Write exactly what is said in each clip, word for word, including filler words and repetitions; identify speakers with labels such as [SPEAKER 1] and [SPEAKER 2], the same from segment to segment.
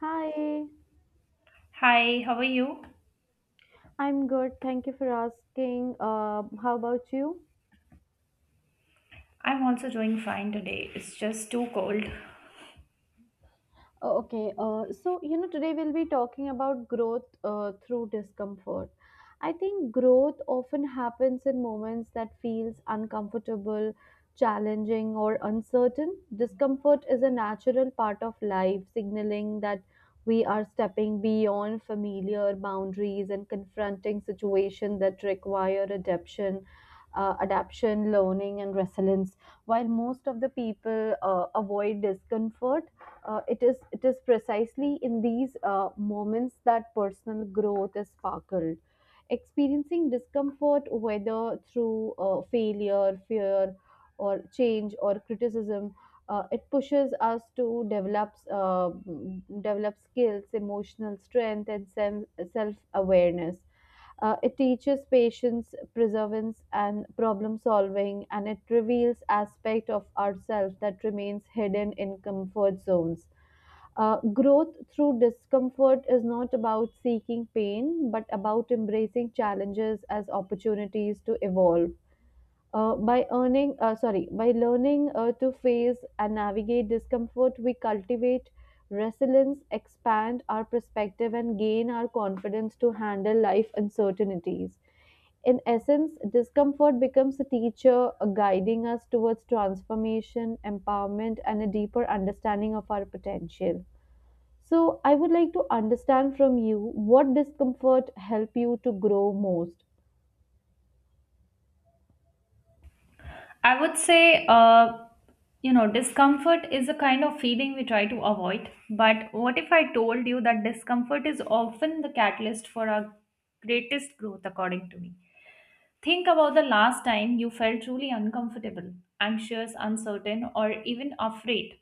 [SPEAKER 1] Hi,
[SPEAKER 2] Hi, how are you?
[SPEAKER 1] I'm good. Thank you for asking. Uh, how about you?
[SPEAKER 2] I'm also doing fine today. It's just too cold.
[SPEAKER 1] Oh, okay, uh, so you know, today we'll be talking about growth uh, through discomfort. I think growth often happens in moments that feels uncomfortable, challenging, or uncertain. Discomfort is a natural part of life, signaling that we are stepping beyond familiar boundaries and confronting situations that require adaptation, uh, adaptation, learning, and resilience. While most of the people uh, avoid discomfort, uh, it is it is precisely in these uh, moments that personal growth is sparkled, experiencing discomfort whether through uh, failure, fear, or change, or criticism. Uh, it pushes us to develop uh, develop skills, emotional strength, and self self awareness. Uh, it teaches patience, perseverance, and problem solving, and it reveals aspect of ourselves that remains hidden in comfort zones. Uh, growth through discomfort is not about seeking pain, but about embracing challenges as opportunities to evolve. Uh, by earning, uh, sorry, by learning uh, to face and navigate discomfort, we cultivate resilience, expand our perspective, and gain our confidence to handle life uncertainties. In essence, discomfort becomes a teacher, uh, guiding us towards transformation, empowerment, and a deeper understanding of our potential. So, I would like to understand from you what discomfort help you to grow most.
[SPEAKER 2] I would say, uh, you know, discomfort is a kind of feeling we try to avoid. But what if I told you that discomfort is often the catalyst for our greatest growth, according to me? Think about the last time you felt truly uncomfortable, anxious, uncertain, or even afraid.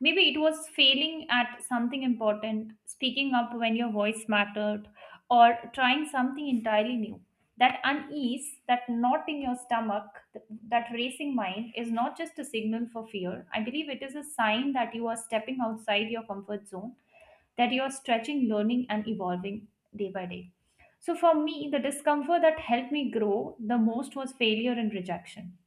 [SPEAKER 2] Maybe it was failing at something important, speaking up when your voice mattered, or trying something entirely new. That unease, that knot in your stomach, th- that racing mind is not just a signal for fear. I believe it is a sign that you are stepping outside your comfort zone, that you are stretching, learning, and evolving day by day. So, for me, the discomfort that helped me grow the most was failure and rejection.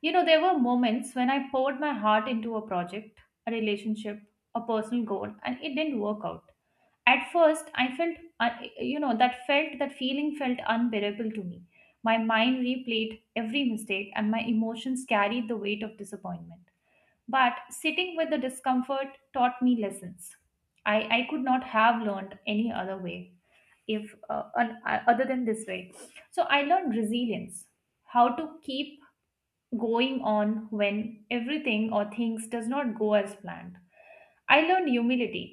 [SPEAKER 2] You know, there were moments when I poured my heart into a project, a relationship, a personal goal, and it didn't work out. At first, I felt, un- you know, that felt, that feeling felt unbearable to me. My mind replayed every mistake, and my emotions carried the weight of disappointment. But sitting with the discomfort taught me lessons. I, I could not have learned any other way if uh, un- uh, other than this way. So I learned resilience, how to keep going on when everything or things does not go as planned. I learned humility,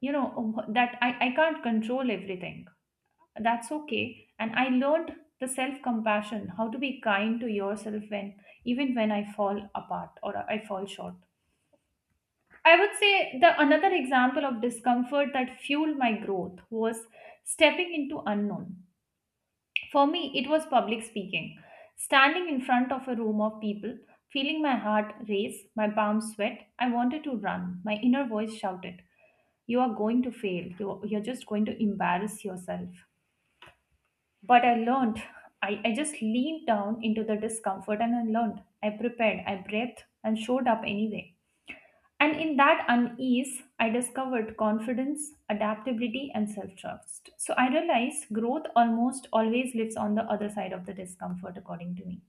[SPEAKER 2] you know, um, that i, I can't control everything, that's okay. And I learned the self compassion, how to be kind to yourself when, even when I fall apart or I fall short. I would say the another example of discomfort that fueled my growth was stepping into unknown. For me, it was public speaking. Standing in front of a room of people, feeling my heart race, my palms sweat, I wanted to run. My inner voice shouted, You are going to fail. You- You're just going to embarrass yourself. But I learned. I, I just leaned down into the discomfort and I learned. I prepared. I breathed and showed up anyway. And in that unease, I discovered confidence, adaptability, and self trust. So I realized growth almost always lives on the other side of the discomfort, according to me.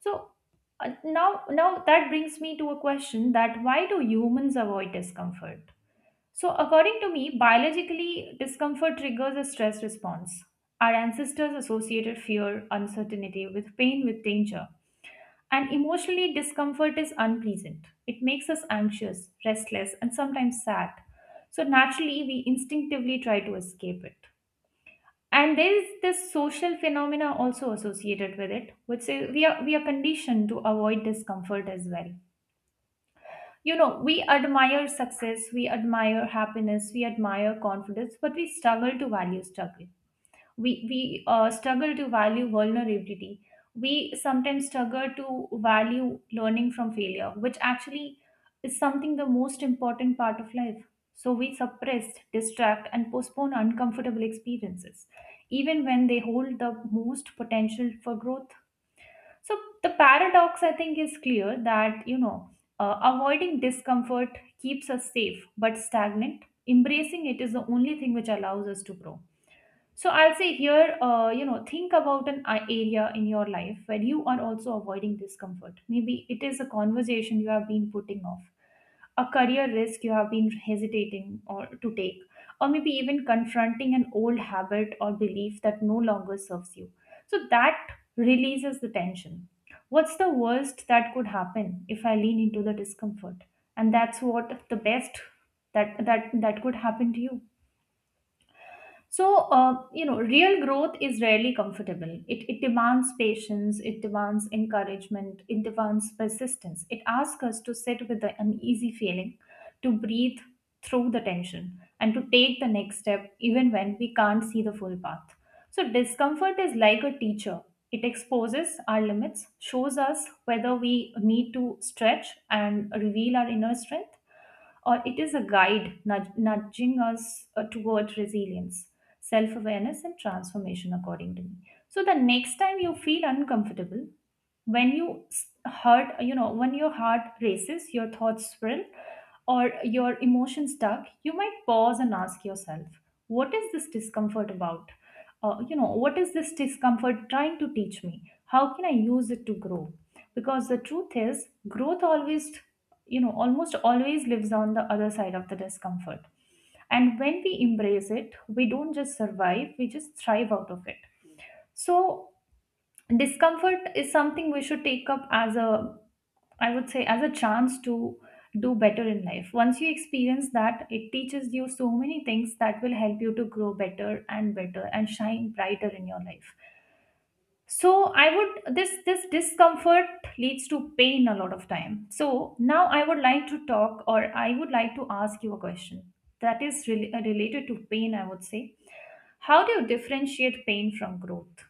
[SPEAKER 2] So uh, now, now that brings me to a question, that why do humans avoid discomfort? So according to me, biologically, discomfort triggers a stress response. Our ancestors associated fear, uncertainty with pain, with danger. And emotionally, discomfort is unpleasant. It makes us anxious, restless, and sometimes sad. So naturally, we instinctively try to escape it. And there is this social phenomena also associated with it, which is we are we are conditioned to avoid discomfort as well. You know, we admire success, we admire happiness, we admire confidence, but we struggle to value struggle, we we uh, struggle to value vulnerability, we sometimes struggle to value learning from failure, which actually is something the most important part of life. So we suppress, distract, and postpone uncomfortable experiences even when they hold the most potential for growth. So the paradox I think is clear, that you know, uh, avoiding discomfort keeps us safe but stagnant, embracing it is the only thing which allows us to grow. So I'll say here, uh, you know, think about an a- area in your life where you are also avoiding discomfort. Maybe it is a conversation you have been putting off, a career risk you have been hesitating or to take, or maybe even confronting an old habit or belief that no longer serves you. So that releases the tension. What's the worst that could happen if I lean into the discomfort? And that's what the best that that that could happen to you. So, uh, you know, real growth is rarely comfortable. It, it demands patience, it demands encouragement, it demands persistence. It asks us to sit with the uneasy feeling, to breathe through the tension, and to take the next step even when we can't see the full path. So, discomfort is like a teacher. It exposes our limits, shows us whether we need to stretch and reveal our inner strength, or it is a guide nudg- nudging us uh, toward resilience, self awareness, and transformation, according to me. So, the next time you feel uncomfortable, when you s- hurt you know when your heart races your thoughts swirl or your emotions stuck you might pause and ask yourself what is this discomfort about uh, you know, what is this discomfort trying to teach me? How can I use it to grow? Because the truth is growth always, you know, almost always lives on the other side of the discomfort. And when we embrace it, we don't just survive, we just thrive out of it. So discomfort is something we should take up as a, I would say as a chance to do better in life. Once you experience that, it teaches you so many things that will help you to grow better and better and shine brighter in your life. So I would, this this discomfort leads to pain a lot of time. So now I would like to talk, or I would like to ask you a question that is really related to pain, I would say. How do you differentiate pain from growth?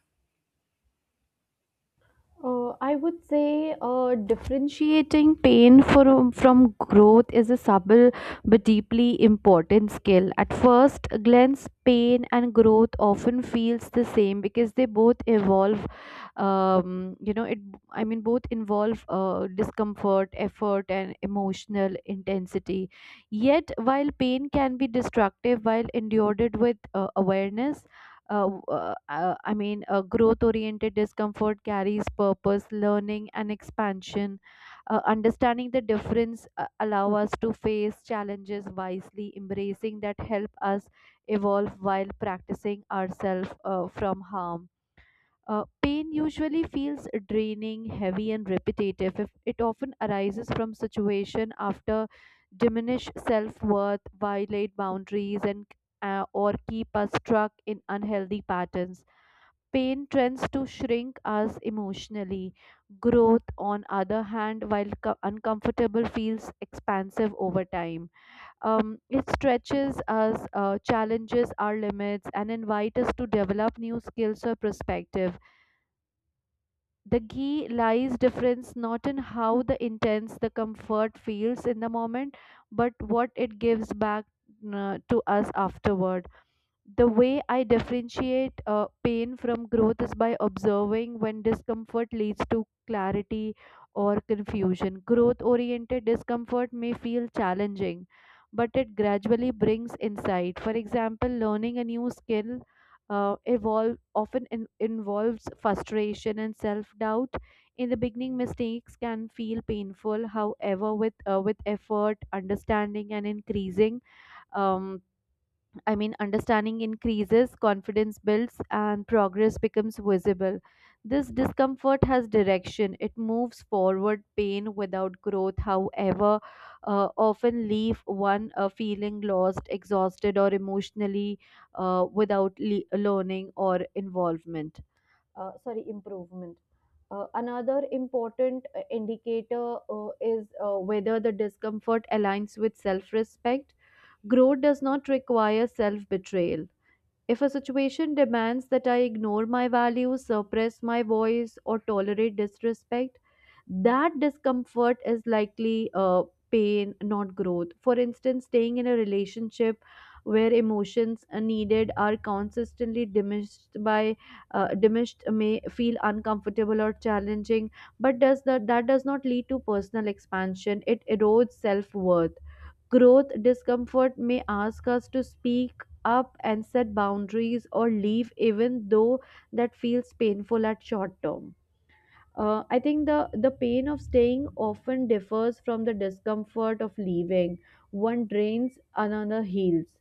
[SPEAKER 1] Uh, I would say uh, differentiating pain from, from growth is a subtle but deeply important skill. At first glance, pain and growth often feels the same because they both evolve. Um, you know, it. I mean, both involve uh, discomfort, effort, and emotional intensity. Yet, while pain can be destructive, while endured with uh, awareness, uh, uh, uh, I mean, uh, growth oriented discomfort carries purpose, learning, and expansion. Uh, understanding the difference uh, allow us to face challenges wisely, embracing that help us evolve while practicing ourselves uh, from harm. Uh, pain usually feels draining, heavy, and repetitive. If it often arises from situation after diminish self-worth, violate boundaries, and uh, or keep us stuck in unhealthy patterns. Pain tends to shrink us emotionally. Growth, on other hand, while co- uncomfortable, feels expansive over time. Um, it stretches us, uh, challenges our limits, and invites us to develop new skills or perspectives. The key lies difference not in how the intense the comfort feels in the moment, but what it gives back uh, to us afterward. The way I differentiate uh, pain from growth is by observing when discomfort leads to clarity or confusion. Growth oriented discomfort may feel challenging, but it gradually brings insight. For example, learning a new skill. Uh, evolve often in- involves frustration and self-doubt. In the beginning, mistakes can feel painful. However, with uh, with effort, understanding and increasing, um, I mean, understanding increases, confidence builds, and progress becomes visible. This discomfort has direction. It moves forward. Pain without growth, however, uh, often leave one uh, feeling lost, exhausted, or emotionally uh, without le- learning or involvement. Uh, sorry, improvement. Uh, another important uh, indicator uh, is uh, whether the discomfort aligns with self respect. Growth does not require self betrayal. If a situation demands that I ignore my values, suppress my voice, or tolerate disrespect, that discomfort is likely uh, pain, not growth. For instance, staying in a relationship where emotions are needed are consistently diminished by uh, diminished may feel uncomfortable or challenging, but does that that does not lead to personal expansion? It erodes self worth. Growth discomfort may ask us to speak up and set boundaries or leave, even though that feels painful at short term. Uh, I think the, the pain of staying often differs from the discomfort of leaving. One drains, another heals.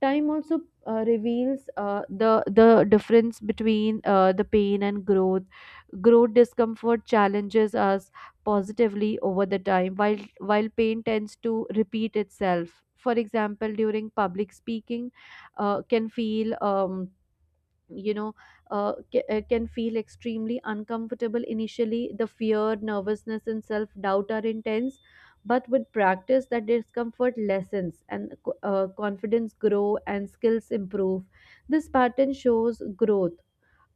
[SPEAKER 1] Time also uh, reveals uh, the the difference between uh, the pain and growth. Growth discomfort challenges us positively over the time, while while pain tends to repeat itself. For example, during public speaking, uh, can feel um, you know uh, ca- uh, can feel extremely uncomfortable initially. The fear, nervousness, and self doubt are intense, but with practice that discomfort lessens and co- uh, confidence grow and skills improve. This pattern shows growth.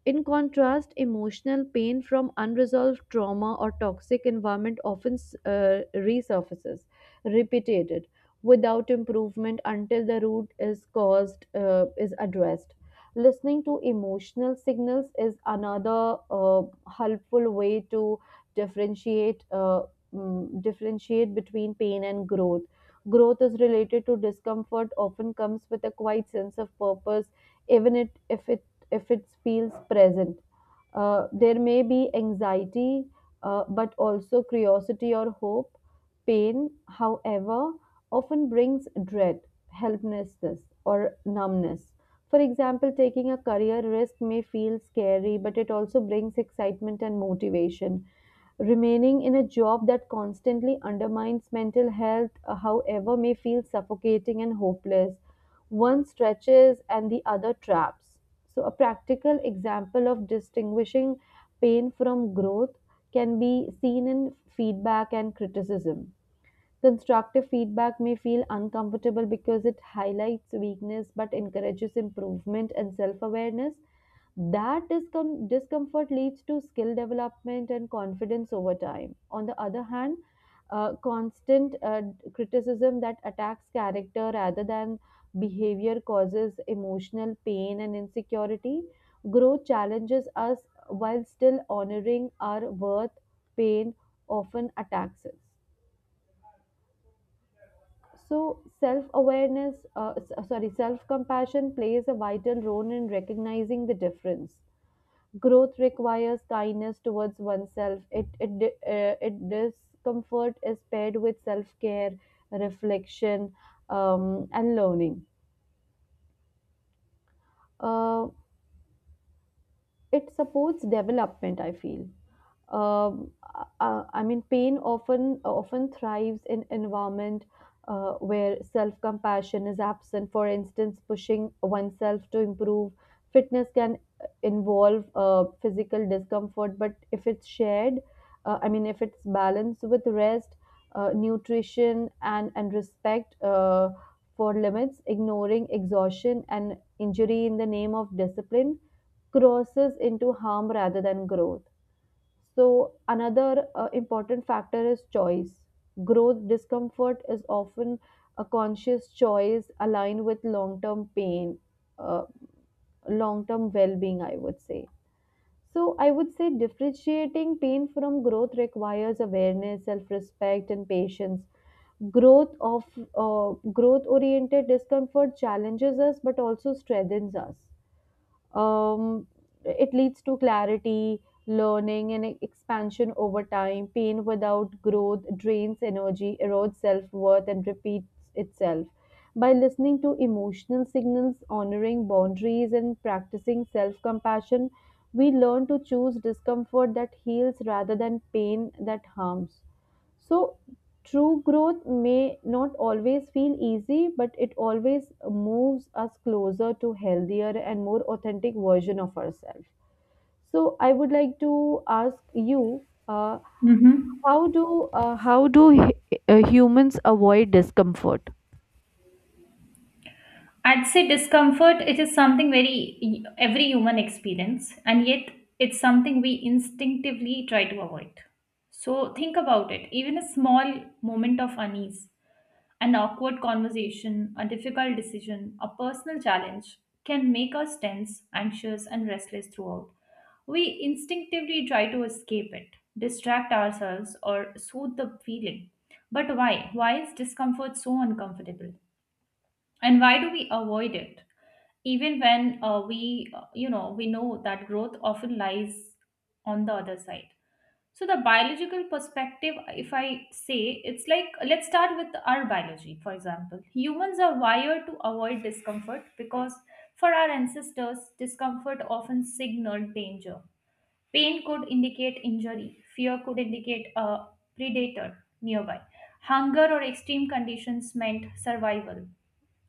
[SPEAKER 1] In contrast, emotional pain from unresolved trauma or toxic environment often uh, resurfaces, repeated, without improvement until the root is caused uh, is addressed. Listening to emotional signals is another uh, helpful way to differentiate uh, mm, differentiate between pain and growth. Growth is related to discomfort, often comes with a quiet sense of purpose, even it, if it if it feels present. Uh, there may be anxiety, uh, but also curiosity or hope. Pain, however, often brings dread, helplessness, or numbness. For example, taking a career risk may feel scary, but it also brings excitement and motivation. Remaining in a job that constantly undermines mental health, uh, however, may feel suffocating and hopeless. One stretches and the other traps. So, a practical example of distinguishing pain from growth can be seen in feedback and criticism. Constructive feedback may feel uncomfortable because it highlights weakness but encourages improvement and self awareness. That discom- discomfort leads to skill development and confidence over time. On the other hand, uh, constant uh, criticism that attacks character rather than behavior causes emotional pain and insecurity. Growth challenges us while still honoring our worth, pain often attacks us. So, self awareness, uh, s- uh, sorry, self compassion plays a vital role in recognizing the difference. Growth requires kindness towards oneself. It, it, di- uh, it discomfort is paired with self care, reflection, um, and learning. Uh, it supports development, I feel. um, uh, i mean Pain often often thrives in environment uh, where self compassion is absent. For instance, pushing oneself to improve fitness can involve uh, physical discomfort, but if it's shared, uh, i mean if it's balanced with rest, uh, nutrition, and and respect uh, for limits. Ignoring exhaustion and injury in the name of discipline crosses into harm rather than growth. So, another uh, important factor is choice. Growth discomfort is often a conscious choice aligned with long term pain, uh, long term well being, I would say. So, I would say differentiating pain from growth requires awareness, self respect, and patience. Growth of uh, growth oriented discomfort challenges us but also strengthens us. Um, it leads to clarity, learning, and expansion over time. Pain without growth drains energy, erodes self worth, and repeats itself. By listening to emotional signals, honoring boundaries, and practicing self compassion, we learn to choose discomfort that heals rather than pain that harms. So, true growth may not always feel easy, but it always moves us closer to healthier and more authentic version of ourselves. So, I would like to ask you, uh,
[SPEAKER 2] Mm-hmm.
[SPEAKER 1] how do uh, how do hu- uh, humans avoid discomfort?
[SPEAKER 2] I'd say discomfort, it is something very every human experience, and yet it's something we instinctively try to avoid. So think about it. Even a small moment of unease, an awkward conversation, a difficult decision, a personal challenge can make us tense, anxious, and restless throughout. We instinctively try to escape it, distract ourselves, or soothe the feeling. But why? Why is discomfort so uncomfortable? And why do we avoid it, even when uh, we uh, you know, we know that growth often lies on the other side? So the biological perspective, if I say, it's like, let's start with our biology. For example, humans are wired to avoid discomfort because for our ancestors discomfort often signaled danger. Pain could indicate injury, fear could indicate a predator nearby, hunger or extreme conditions meant survival.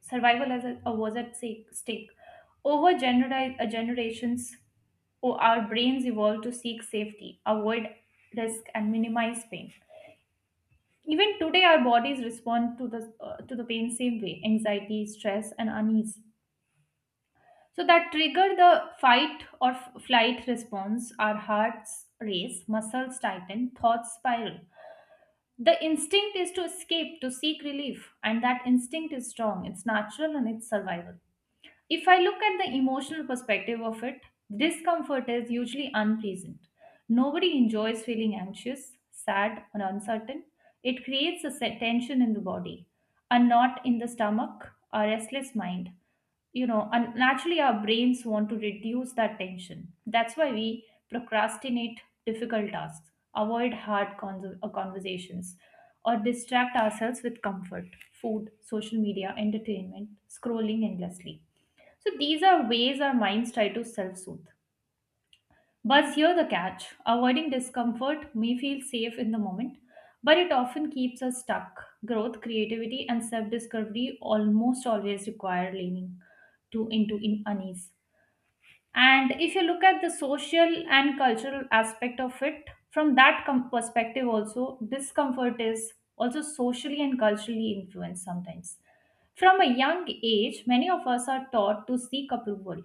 [SPEAKER 2] Survival as a, was at sake- stake. Over genera- uh, generations, o- our brains evolved to seek safety, avoid risk, and minimize pain. Even today, our bodies respond to the uh, to the pain same way: anxiety, stress, and unease. So that trigger the fight or f- flight response. Our hearts race, muscles tighten, thoughts spiral. The instinct is to escape, to seek relief, and that instinct is strong. It's natural and it's survival. If I look at the emotional perspective of it, discomfort is usually unpleasant. Nobody enjoys feeling anxious, sad, or uncertain. It creates a se- tension in the body, a knot in the stomach, a restless mind. You know, and naturally, our brains want to reduce that tension. That's why we procrastinate difficult tasks, avoid hard con- uh, conversations, or distract ourselves with comfort, food, social media, entertainment, scrolling endlessly. So these are ways our minds try to self soothe. But here the catch, avoiding discomfort may feel safe in the moment, but it often keeps us stuck. Growth, creativity, and self discovery almost always require leaning to into in unease. And if you look at the social and cultural aspect of it, from that com- perspective, also, discomfort is also socially and culturally influenced sometimes. From a young age, many of us are taught to seek approval,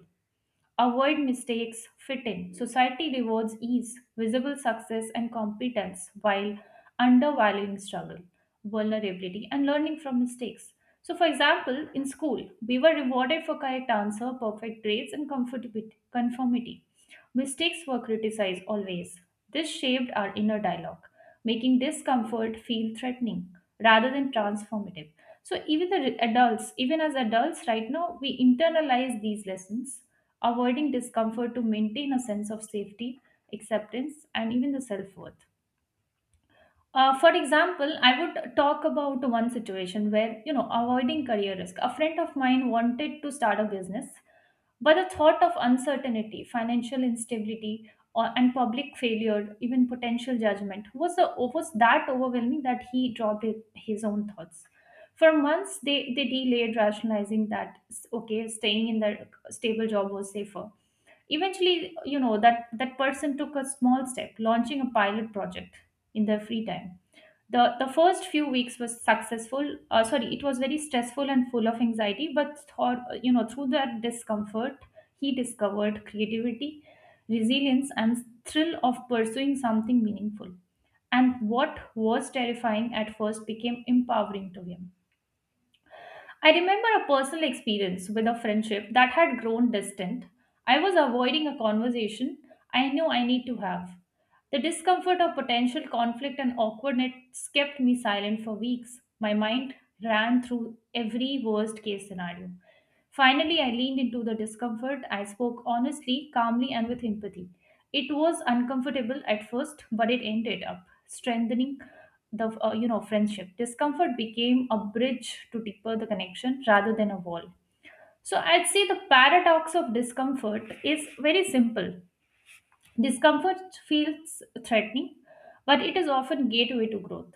[SPEAKER 2] avoid mistakes, fit in. Society rewards ease, visible success, and competence while undervaluing struggle, vulnerability, and learning from mistakes. So, for example, in school, we were rewarded for correct answer, perfect grades, and comfortability, conformity. Mistakes were criticized always. This shaped our inner dialogue, making discomfort feel threatening rather than transformative. So even the adults, even as adults right now, we internalize these lessons, avoiding discomfort to maintain a sense of safety, acceptance, and even the self worth. Uh, for example, I would talk about one situation where, you know, avoiding career risk. A friend of mine wanted to start a business, but the thought of uncertainty, financial instability, or, and public failure, even potential judgment, was, a, was that overwhelming that he dropped it, his own thoughts. For months, they, they delayed rationalizing that, okay, staying in their stable job was safer. Eventually, you know, that, that person took a small step, launching a pilot project in their free time. The the first few weeks was successful, uh, sorry, it was very stressful and full of anxiety, but thought, uh, you know, through that discomfort, he discovered creativity, resilience, and thrill of pursuing something meaningful. And what was terrifying at first became empowering to him. I remember a personal experience with a friendship that had grown distant. I was avoiding a conversation I knew I need to have. The discomfort of potential conflict and awkwardness kept me silent for weeks. My mind ran through every worst case scenario. Finally, I leaned into the discomfort. I spoke honestly, calmly, and with empathy. It was uncomfortable at first, but it ended up strengthening the uh, you know friendship. Discomfort became a bridge to deeper the connection rather than a wall. So I'd say the paradox of discomfort is very simple. Discomfort feels threatening, but it is often gateway to growth.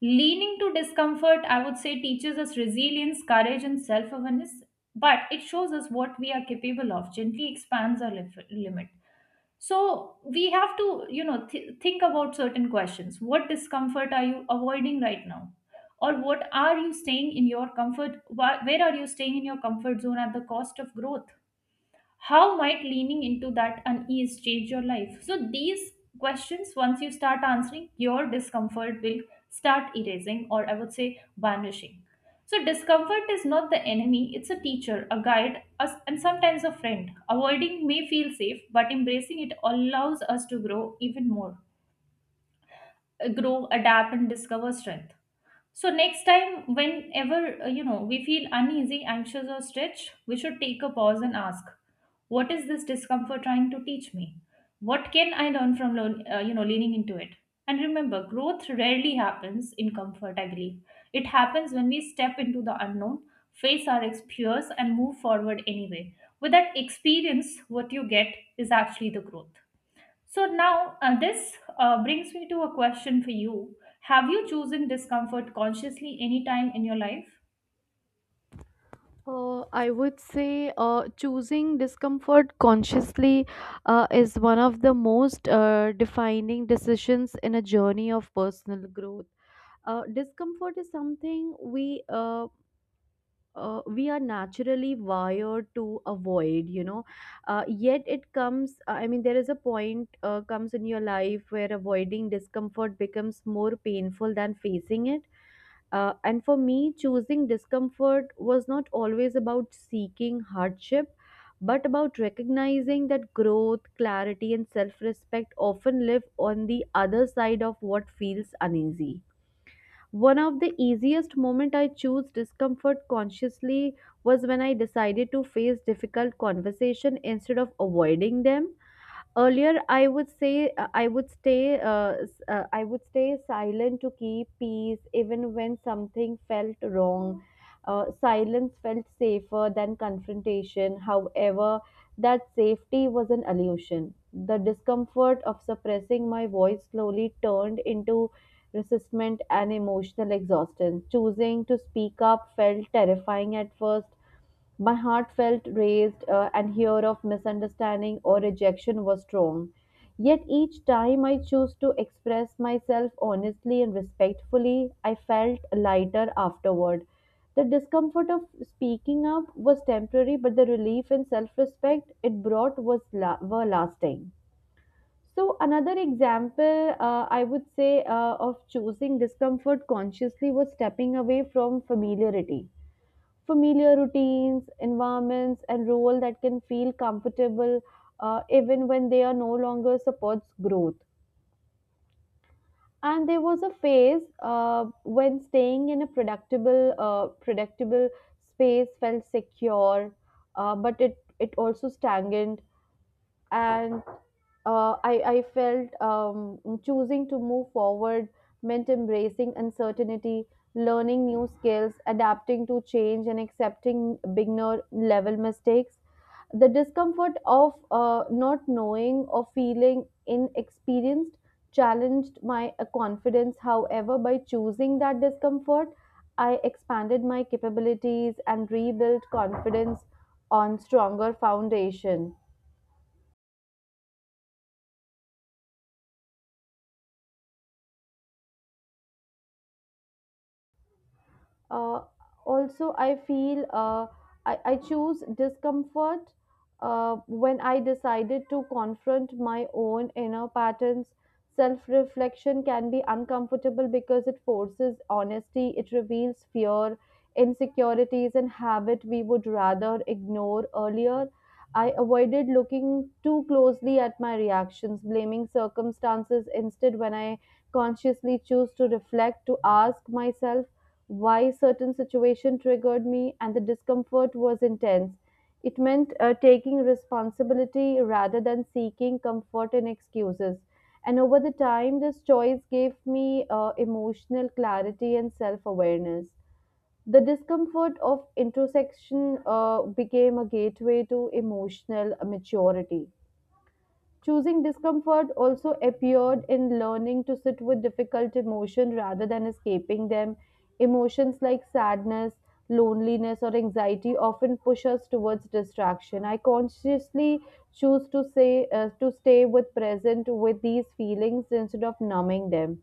[SPEAKER 2] Leaning to discomfort, I would say, teaches us resilience, courage, and self awareness, but it shows us what we are capable of, gently expands our lif- limit. So we have to, you know, th- think about certain questions. What discomfort are you avoiding right now? Or what are you staying in your comfort? wh- Where are you staying in your comfort zone at the cost of growth? How might leaning into that unease change your life? So these questions, once you start answering, your discomfort will start erasing, or I would say vanishing. So discomfort is not the enemy, it's a teacher, a guide us, and sometimes a friend. Avoiding may feel safe but embracing it allows us to grow even more, uh, grow, adapt, and discover strength. So next time, whenever uh, you know we feel uneasy, anxious, or stretched, we should take a pause and ask, "What is this discomfort trying to teach me? What can I learn from learn, uh, you know, leaning into it?" And remember, growth rarely happens in comfort. I believe it happens when we step into the unknown, face our ex- fears, and move forward anyway. With that experience, what you get is actually the growth. So now uh, this uh, brings me to a question for you. Have you chosen discomfort consciously any time in your life?
[SPEAKER 1] Uh, I would say uh, choosing discomfort consciously uh, is one of the most uh, defining decisions in a journey of personal growth. uh, discomfort is something we uh, uh, we are naturally wired to avoid, you know. Uh, yet it comes, uh, i mean there is a point uh, comes in your life where avoiding discomfort becomes more painful than facing it. Uh, and for me, choosing discomfort was not always about seeking hardship, but about recognizing that growth, clarity, and self-respect often live on the other side of what feels uneasy. One of the easiest moment I chose discomfort consciously was when I decided to face difficult conversation instead of avoiding them. Earlier, I would say, uh, I would stay uh, s- uh, I would stay silent to keep peace, even when something felt wrong. Uh, silence felt safer than confrontation. However, that safety was an illusion. The discomfort of suppressing my voice slowly turned into resistment and emotional exhaustion. Choosing to speak up felt terrifying at first. My heart felt raised, uh, and fear of misunderstanding or rejection was strong. Yet each time I chose to express myself honestly and respectfully, I felt lighter afterward. The discomfort of speaking up was temporary, but the relief and self respect it brought was la- were lasting. So, another example, uh, I would say uh, of choosing discomfort consciously, was stepping away from familiarity, familiar routines, environments, and role that can feel comfortable, uh, even when they are no longer supports growth. And there was a phase uh, when staying in a predictable, uh, predictable space felt secure, uh, but it it also stagnant. And uh, I, I felt, um, choosing to move forward meant embracing uncertainty, learning new skills, adapting to change, and accepting beginner level mistakes. The discomfort of uh, not knowing or feeling inexperienced challenged my uh, confidence. However, by choosing that discomfort, I expanded my capabilities and rebuilt confidence on stronger foundation. uh, Also, I feel uh, I, I choose discomfort uh, when I decided to confront my own inner patterns. Self-reflection can be uncomfortable because it forces honesty. It reveals fear, insecurities, and habit we would rather ignore. Earlier, I avoided looking too closely at my reactions, blaming circumstances instead. When I consciously choose to reflect, to ask myself why certain situation triggered me, and the discomfort was intense, it meant uh, taking responsibility rather than seeking comfort and excuses. And over the time, this choice gave me uh, emotional clarity and self-awareness. The discomfort of introspection uh, became a gateway to emotional maturity. Choosing discomfort also appeared in learning to sit with difficult emotion rather than escaping them. Emotions like sadness, loneliness, or anxiety often push us towards distraction. I consciously choose to say, uh, to stay with present with these feelings instead of numbing them.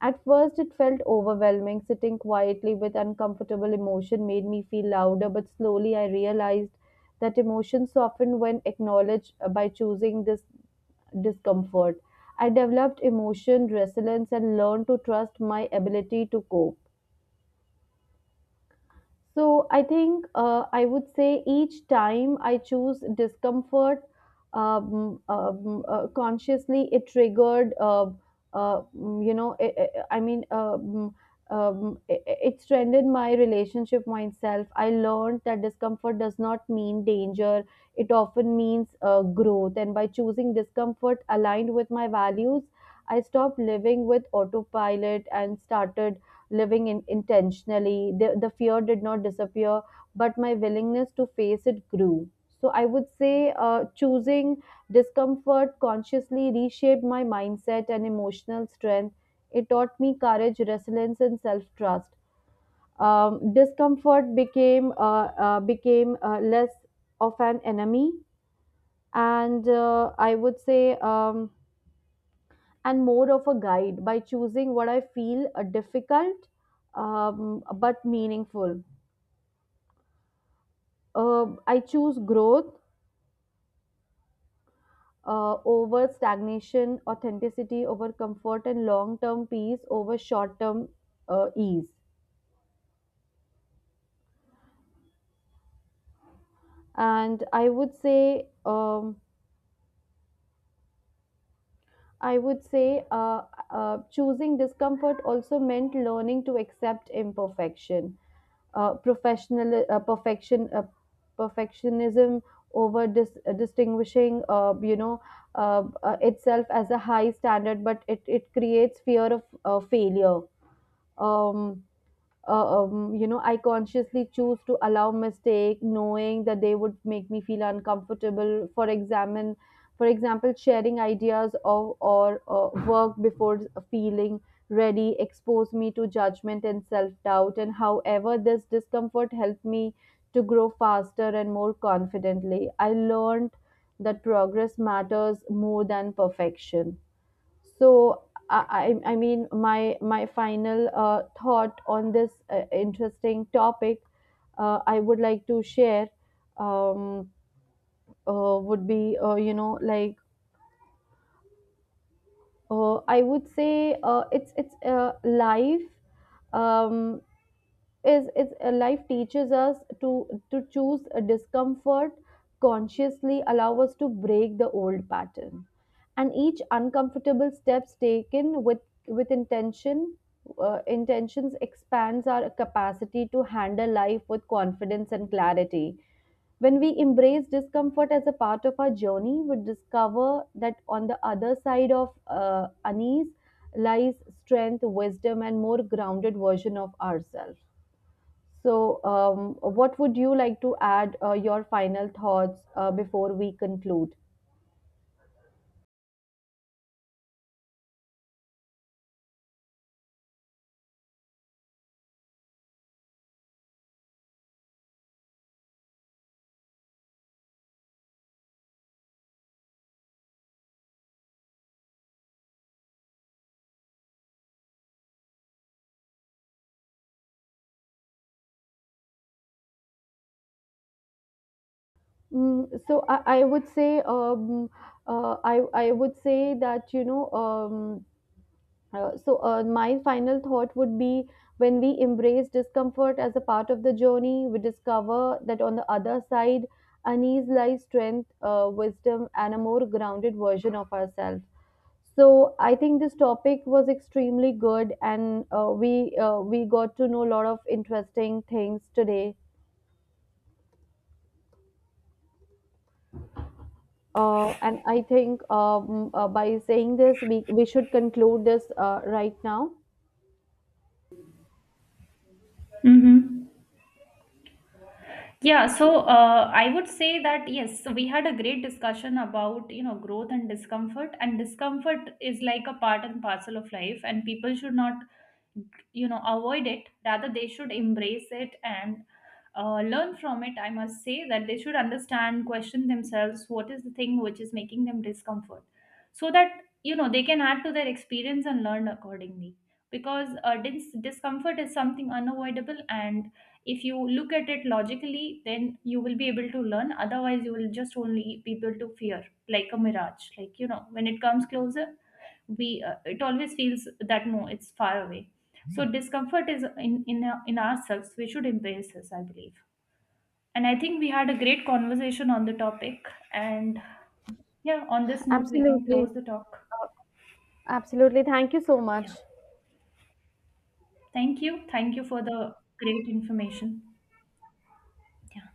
[SPEAKER 1] At first, it felt overwhelming. Sitting quietly with uncomfortable emotion made me feel louder, but slowly I realized that emotions soften when acknowledged. Uh, by choosing this discomfort, I developed emotion resilience and learned to trust my ability to cope. So I think, uh, I would say each time I choose discomfort um, um, uh, consciously, it triggered, uh, uh, mm, you know, I I I mean, um, um, it, it strengthened my relationship myself. I learned that discomfort does not mean danger, it often means uh, growth. And by choosing discomfort aligned with my values, I stopped living with autopilot and started living in intentionally. The, the fear did not disappear, but my willingness to face it grew. So I would say, uh, choosing discomfort consciously reshaped my mindset and emotional strength. It taught me courage, resilience, and self trust. Um, discomfort became uh, uh, became uh, less of an enemy, and uh, I would say. Um, and more of a guide, by choosing what I feel are difficult um, but meaningful. Um, I choose growth uh, over stagnation, authenticity over comfort, and long term peace over short term uh, ease. And I would say, um, I would say uh, uh, choosing discomfort also meant learning to accept imperfection. Uh, professional uh, perfection uh, Perfectionism over dis- uh, distinguishing uh, you know uh, uh, itself as a high standard, but it, it creates fear of uh, failure. Um, uh, um, you know, I consciously choose to allow mistake, knowing that they would make me feel uncomfortable. For examine, for example, sharing ideas of or uh, work before feeling ready expose me to judgment and self doubt. And however, this discomfort helped me to grow faster and more confidently. I learned that progress matters more than perfection. So I, I I mean, my my final uh, thought on this uh, interesting topic, uh, I would like to share um, uh, would be uh, you know like uh, I would say uh, it's it's uh, life um, is is uh, life teaches us to to choose a discomfort consciously, allow us to break the old pattern, and each uncomfortable steps taken with with intention, uh, intentions expands our capacity to handle life with confidence and clarity. When we embrace discomfort as a part of our journey, we discover that on the other side of uh, unease lies strength, wisdom, and more grounded version of ourselves. So, um, what would you like to add uh, your final thoughts uh, before we conclude? Mm, so I, I would say um, uh, I, I would say that, you know, um, Uh, so uh, my final thought would be, when we embrace discomfort as a part of the journey, we discover that on the other side unease lies strength, uh, wisdom, and a more grounded version of ourselves. So I think this topic was extremely good, and uh, we uh, we got to know a lot of interesting things today. Uh, and I think um, uh, by saying this, we, we should conclude this uh, right now.
[SPEAKER 2] Mm-hmm. Yeah, so uh, I would say that yes, so we had a great discussion about you know growth and discomfort, and discomfort is like a part and parcel of life, and people should not, you know, avoid it, rather they should embrace it and uh, learn from it. I must say that they should understand, question themselves, what is the thing which is making them discomfort, so that you know they can add to their experience and learn accordingly. Because uh, dis- discomfort is something unavoidable, and if you look at it logically, then you will be able to learn, otherwise you will just only be able to fear like a mirage, like you know, when it comes closer, we uh, it always feels that no, it's far away. So Mhm. discomfort is in in, our- in ourselves, we should embrace this, I believe. And I think we had a great conversation on the topic. And yeah, on this note, we can
[SPEAKER 1] Absolutely.
[SPEAKER 2] close the talk.
[SPEAKER 1] Absolutely, thank you so much.
[SPEAKER 2] Yeah. Thank you, thank you for the great information. Yeah.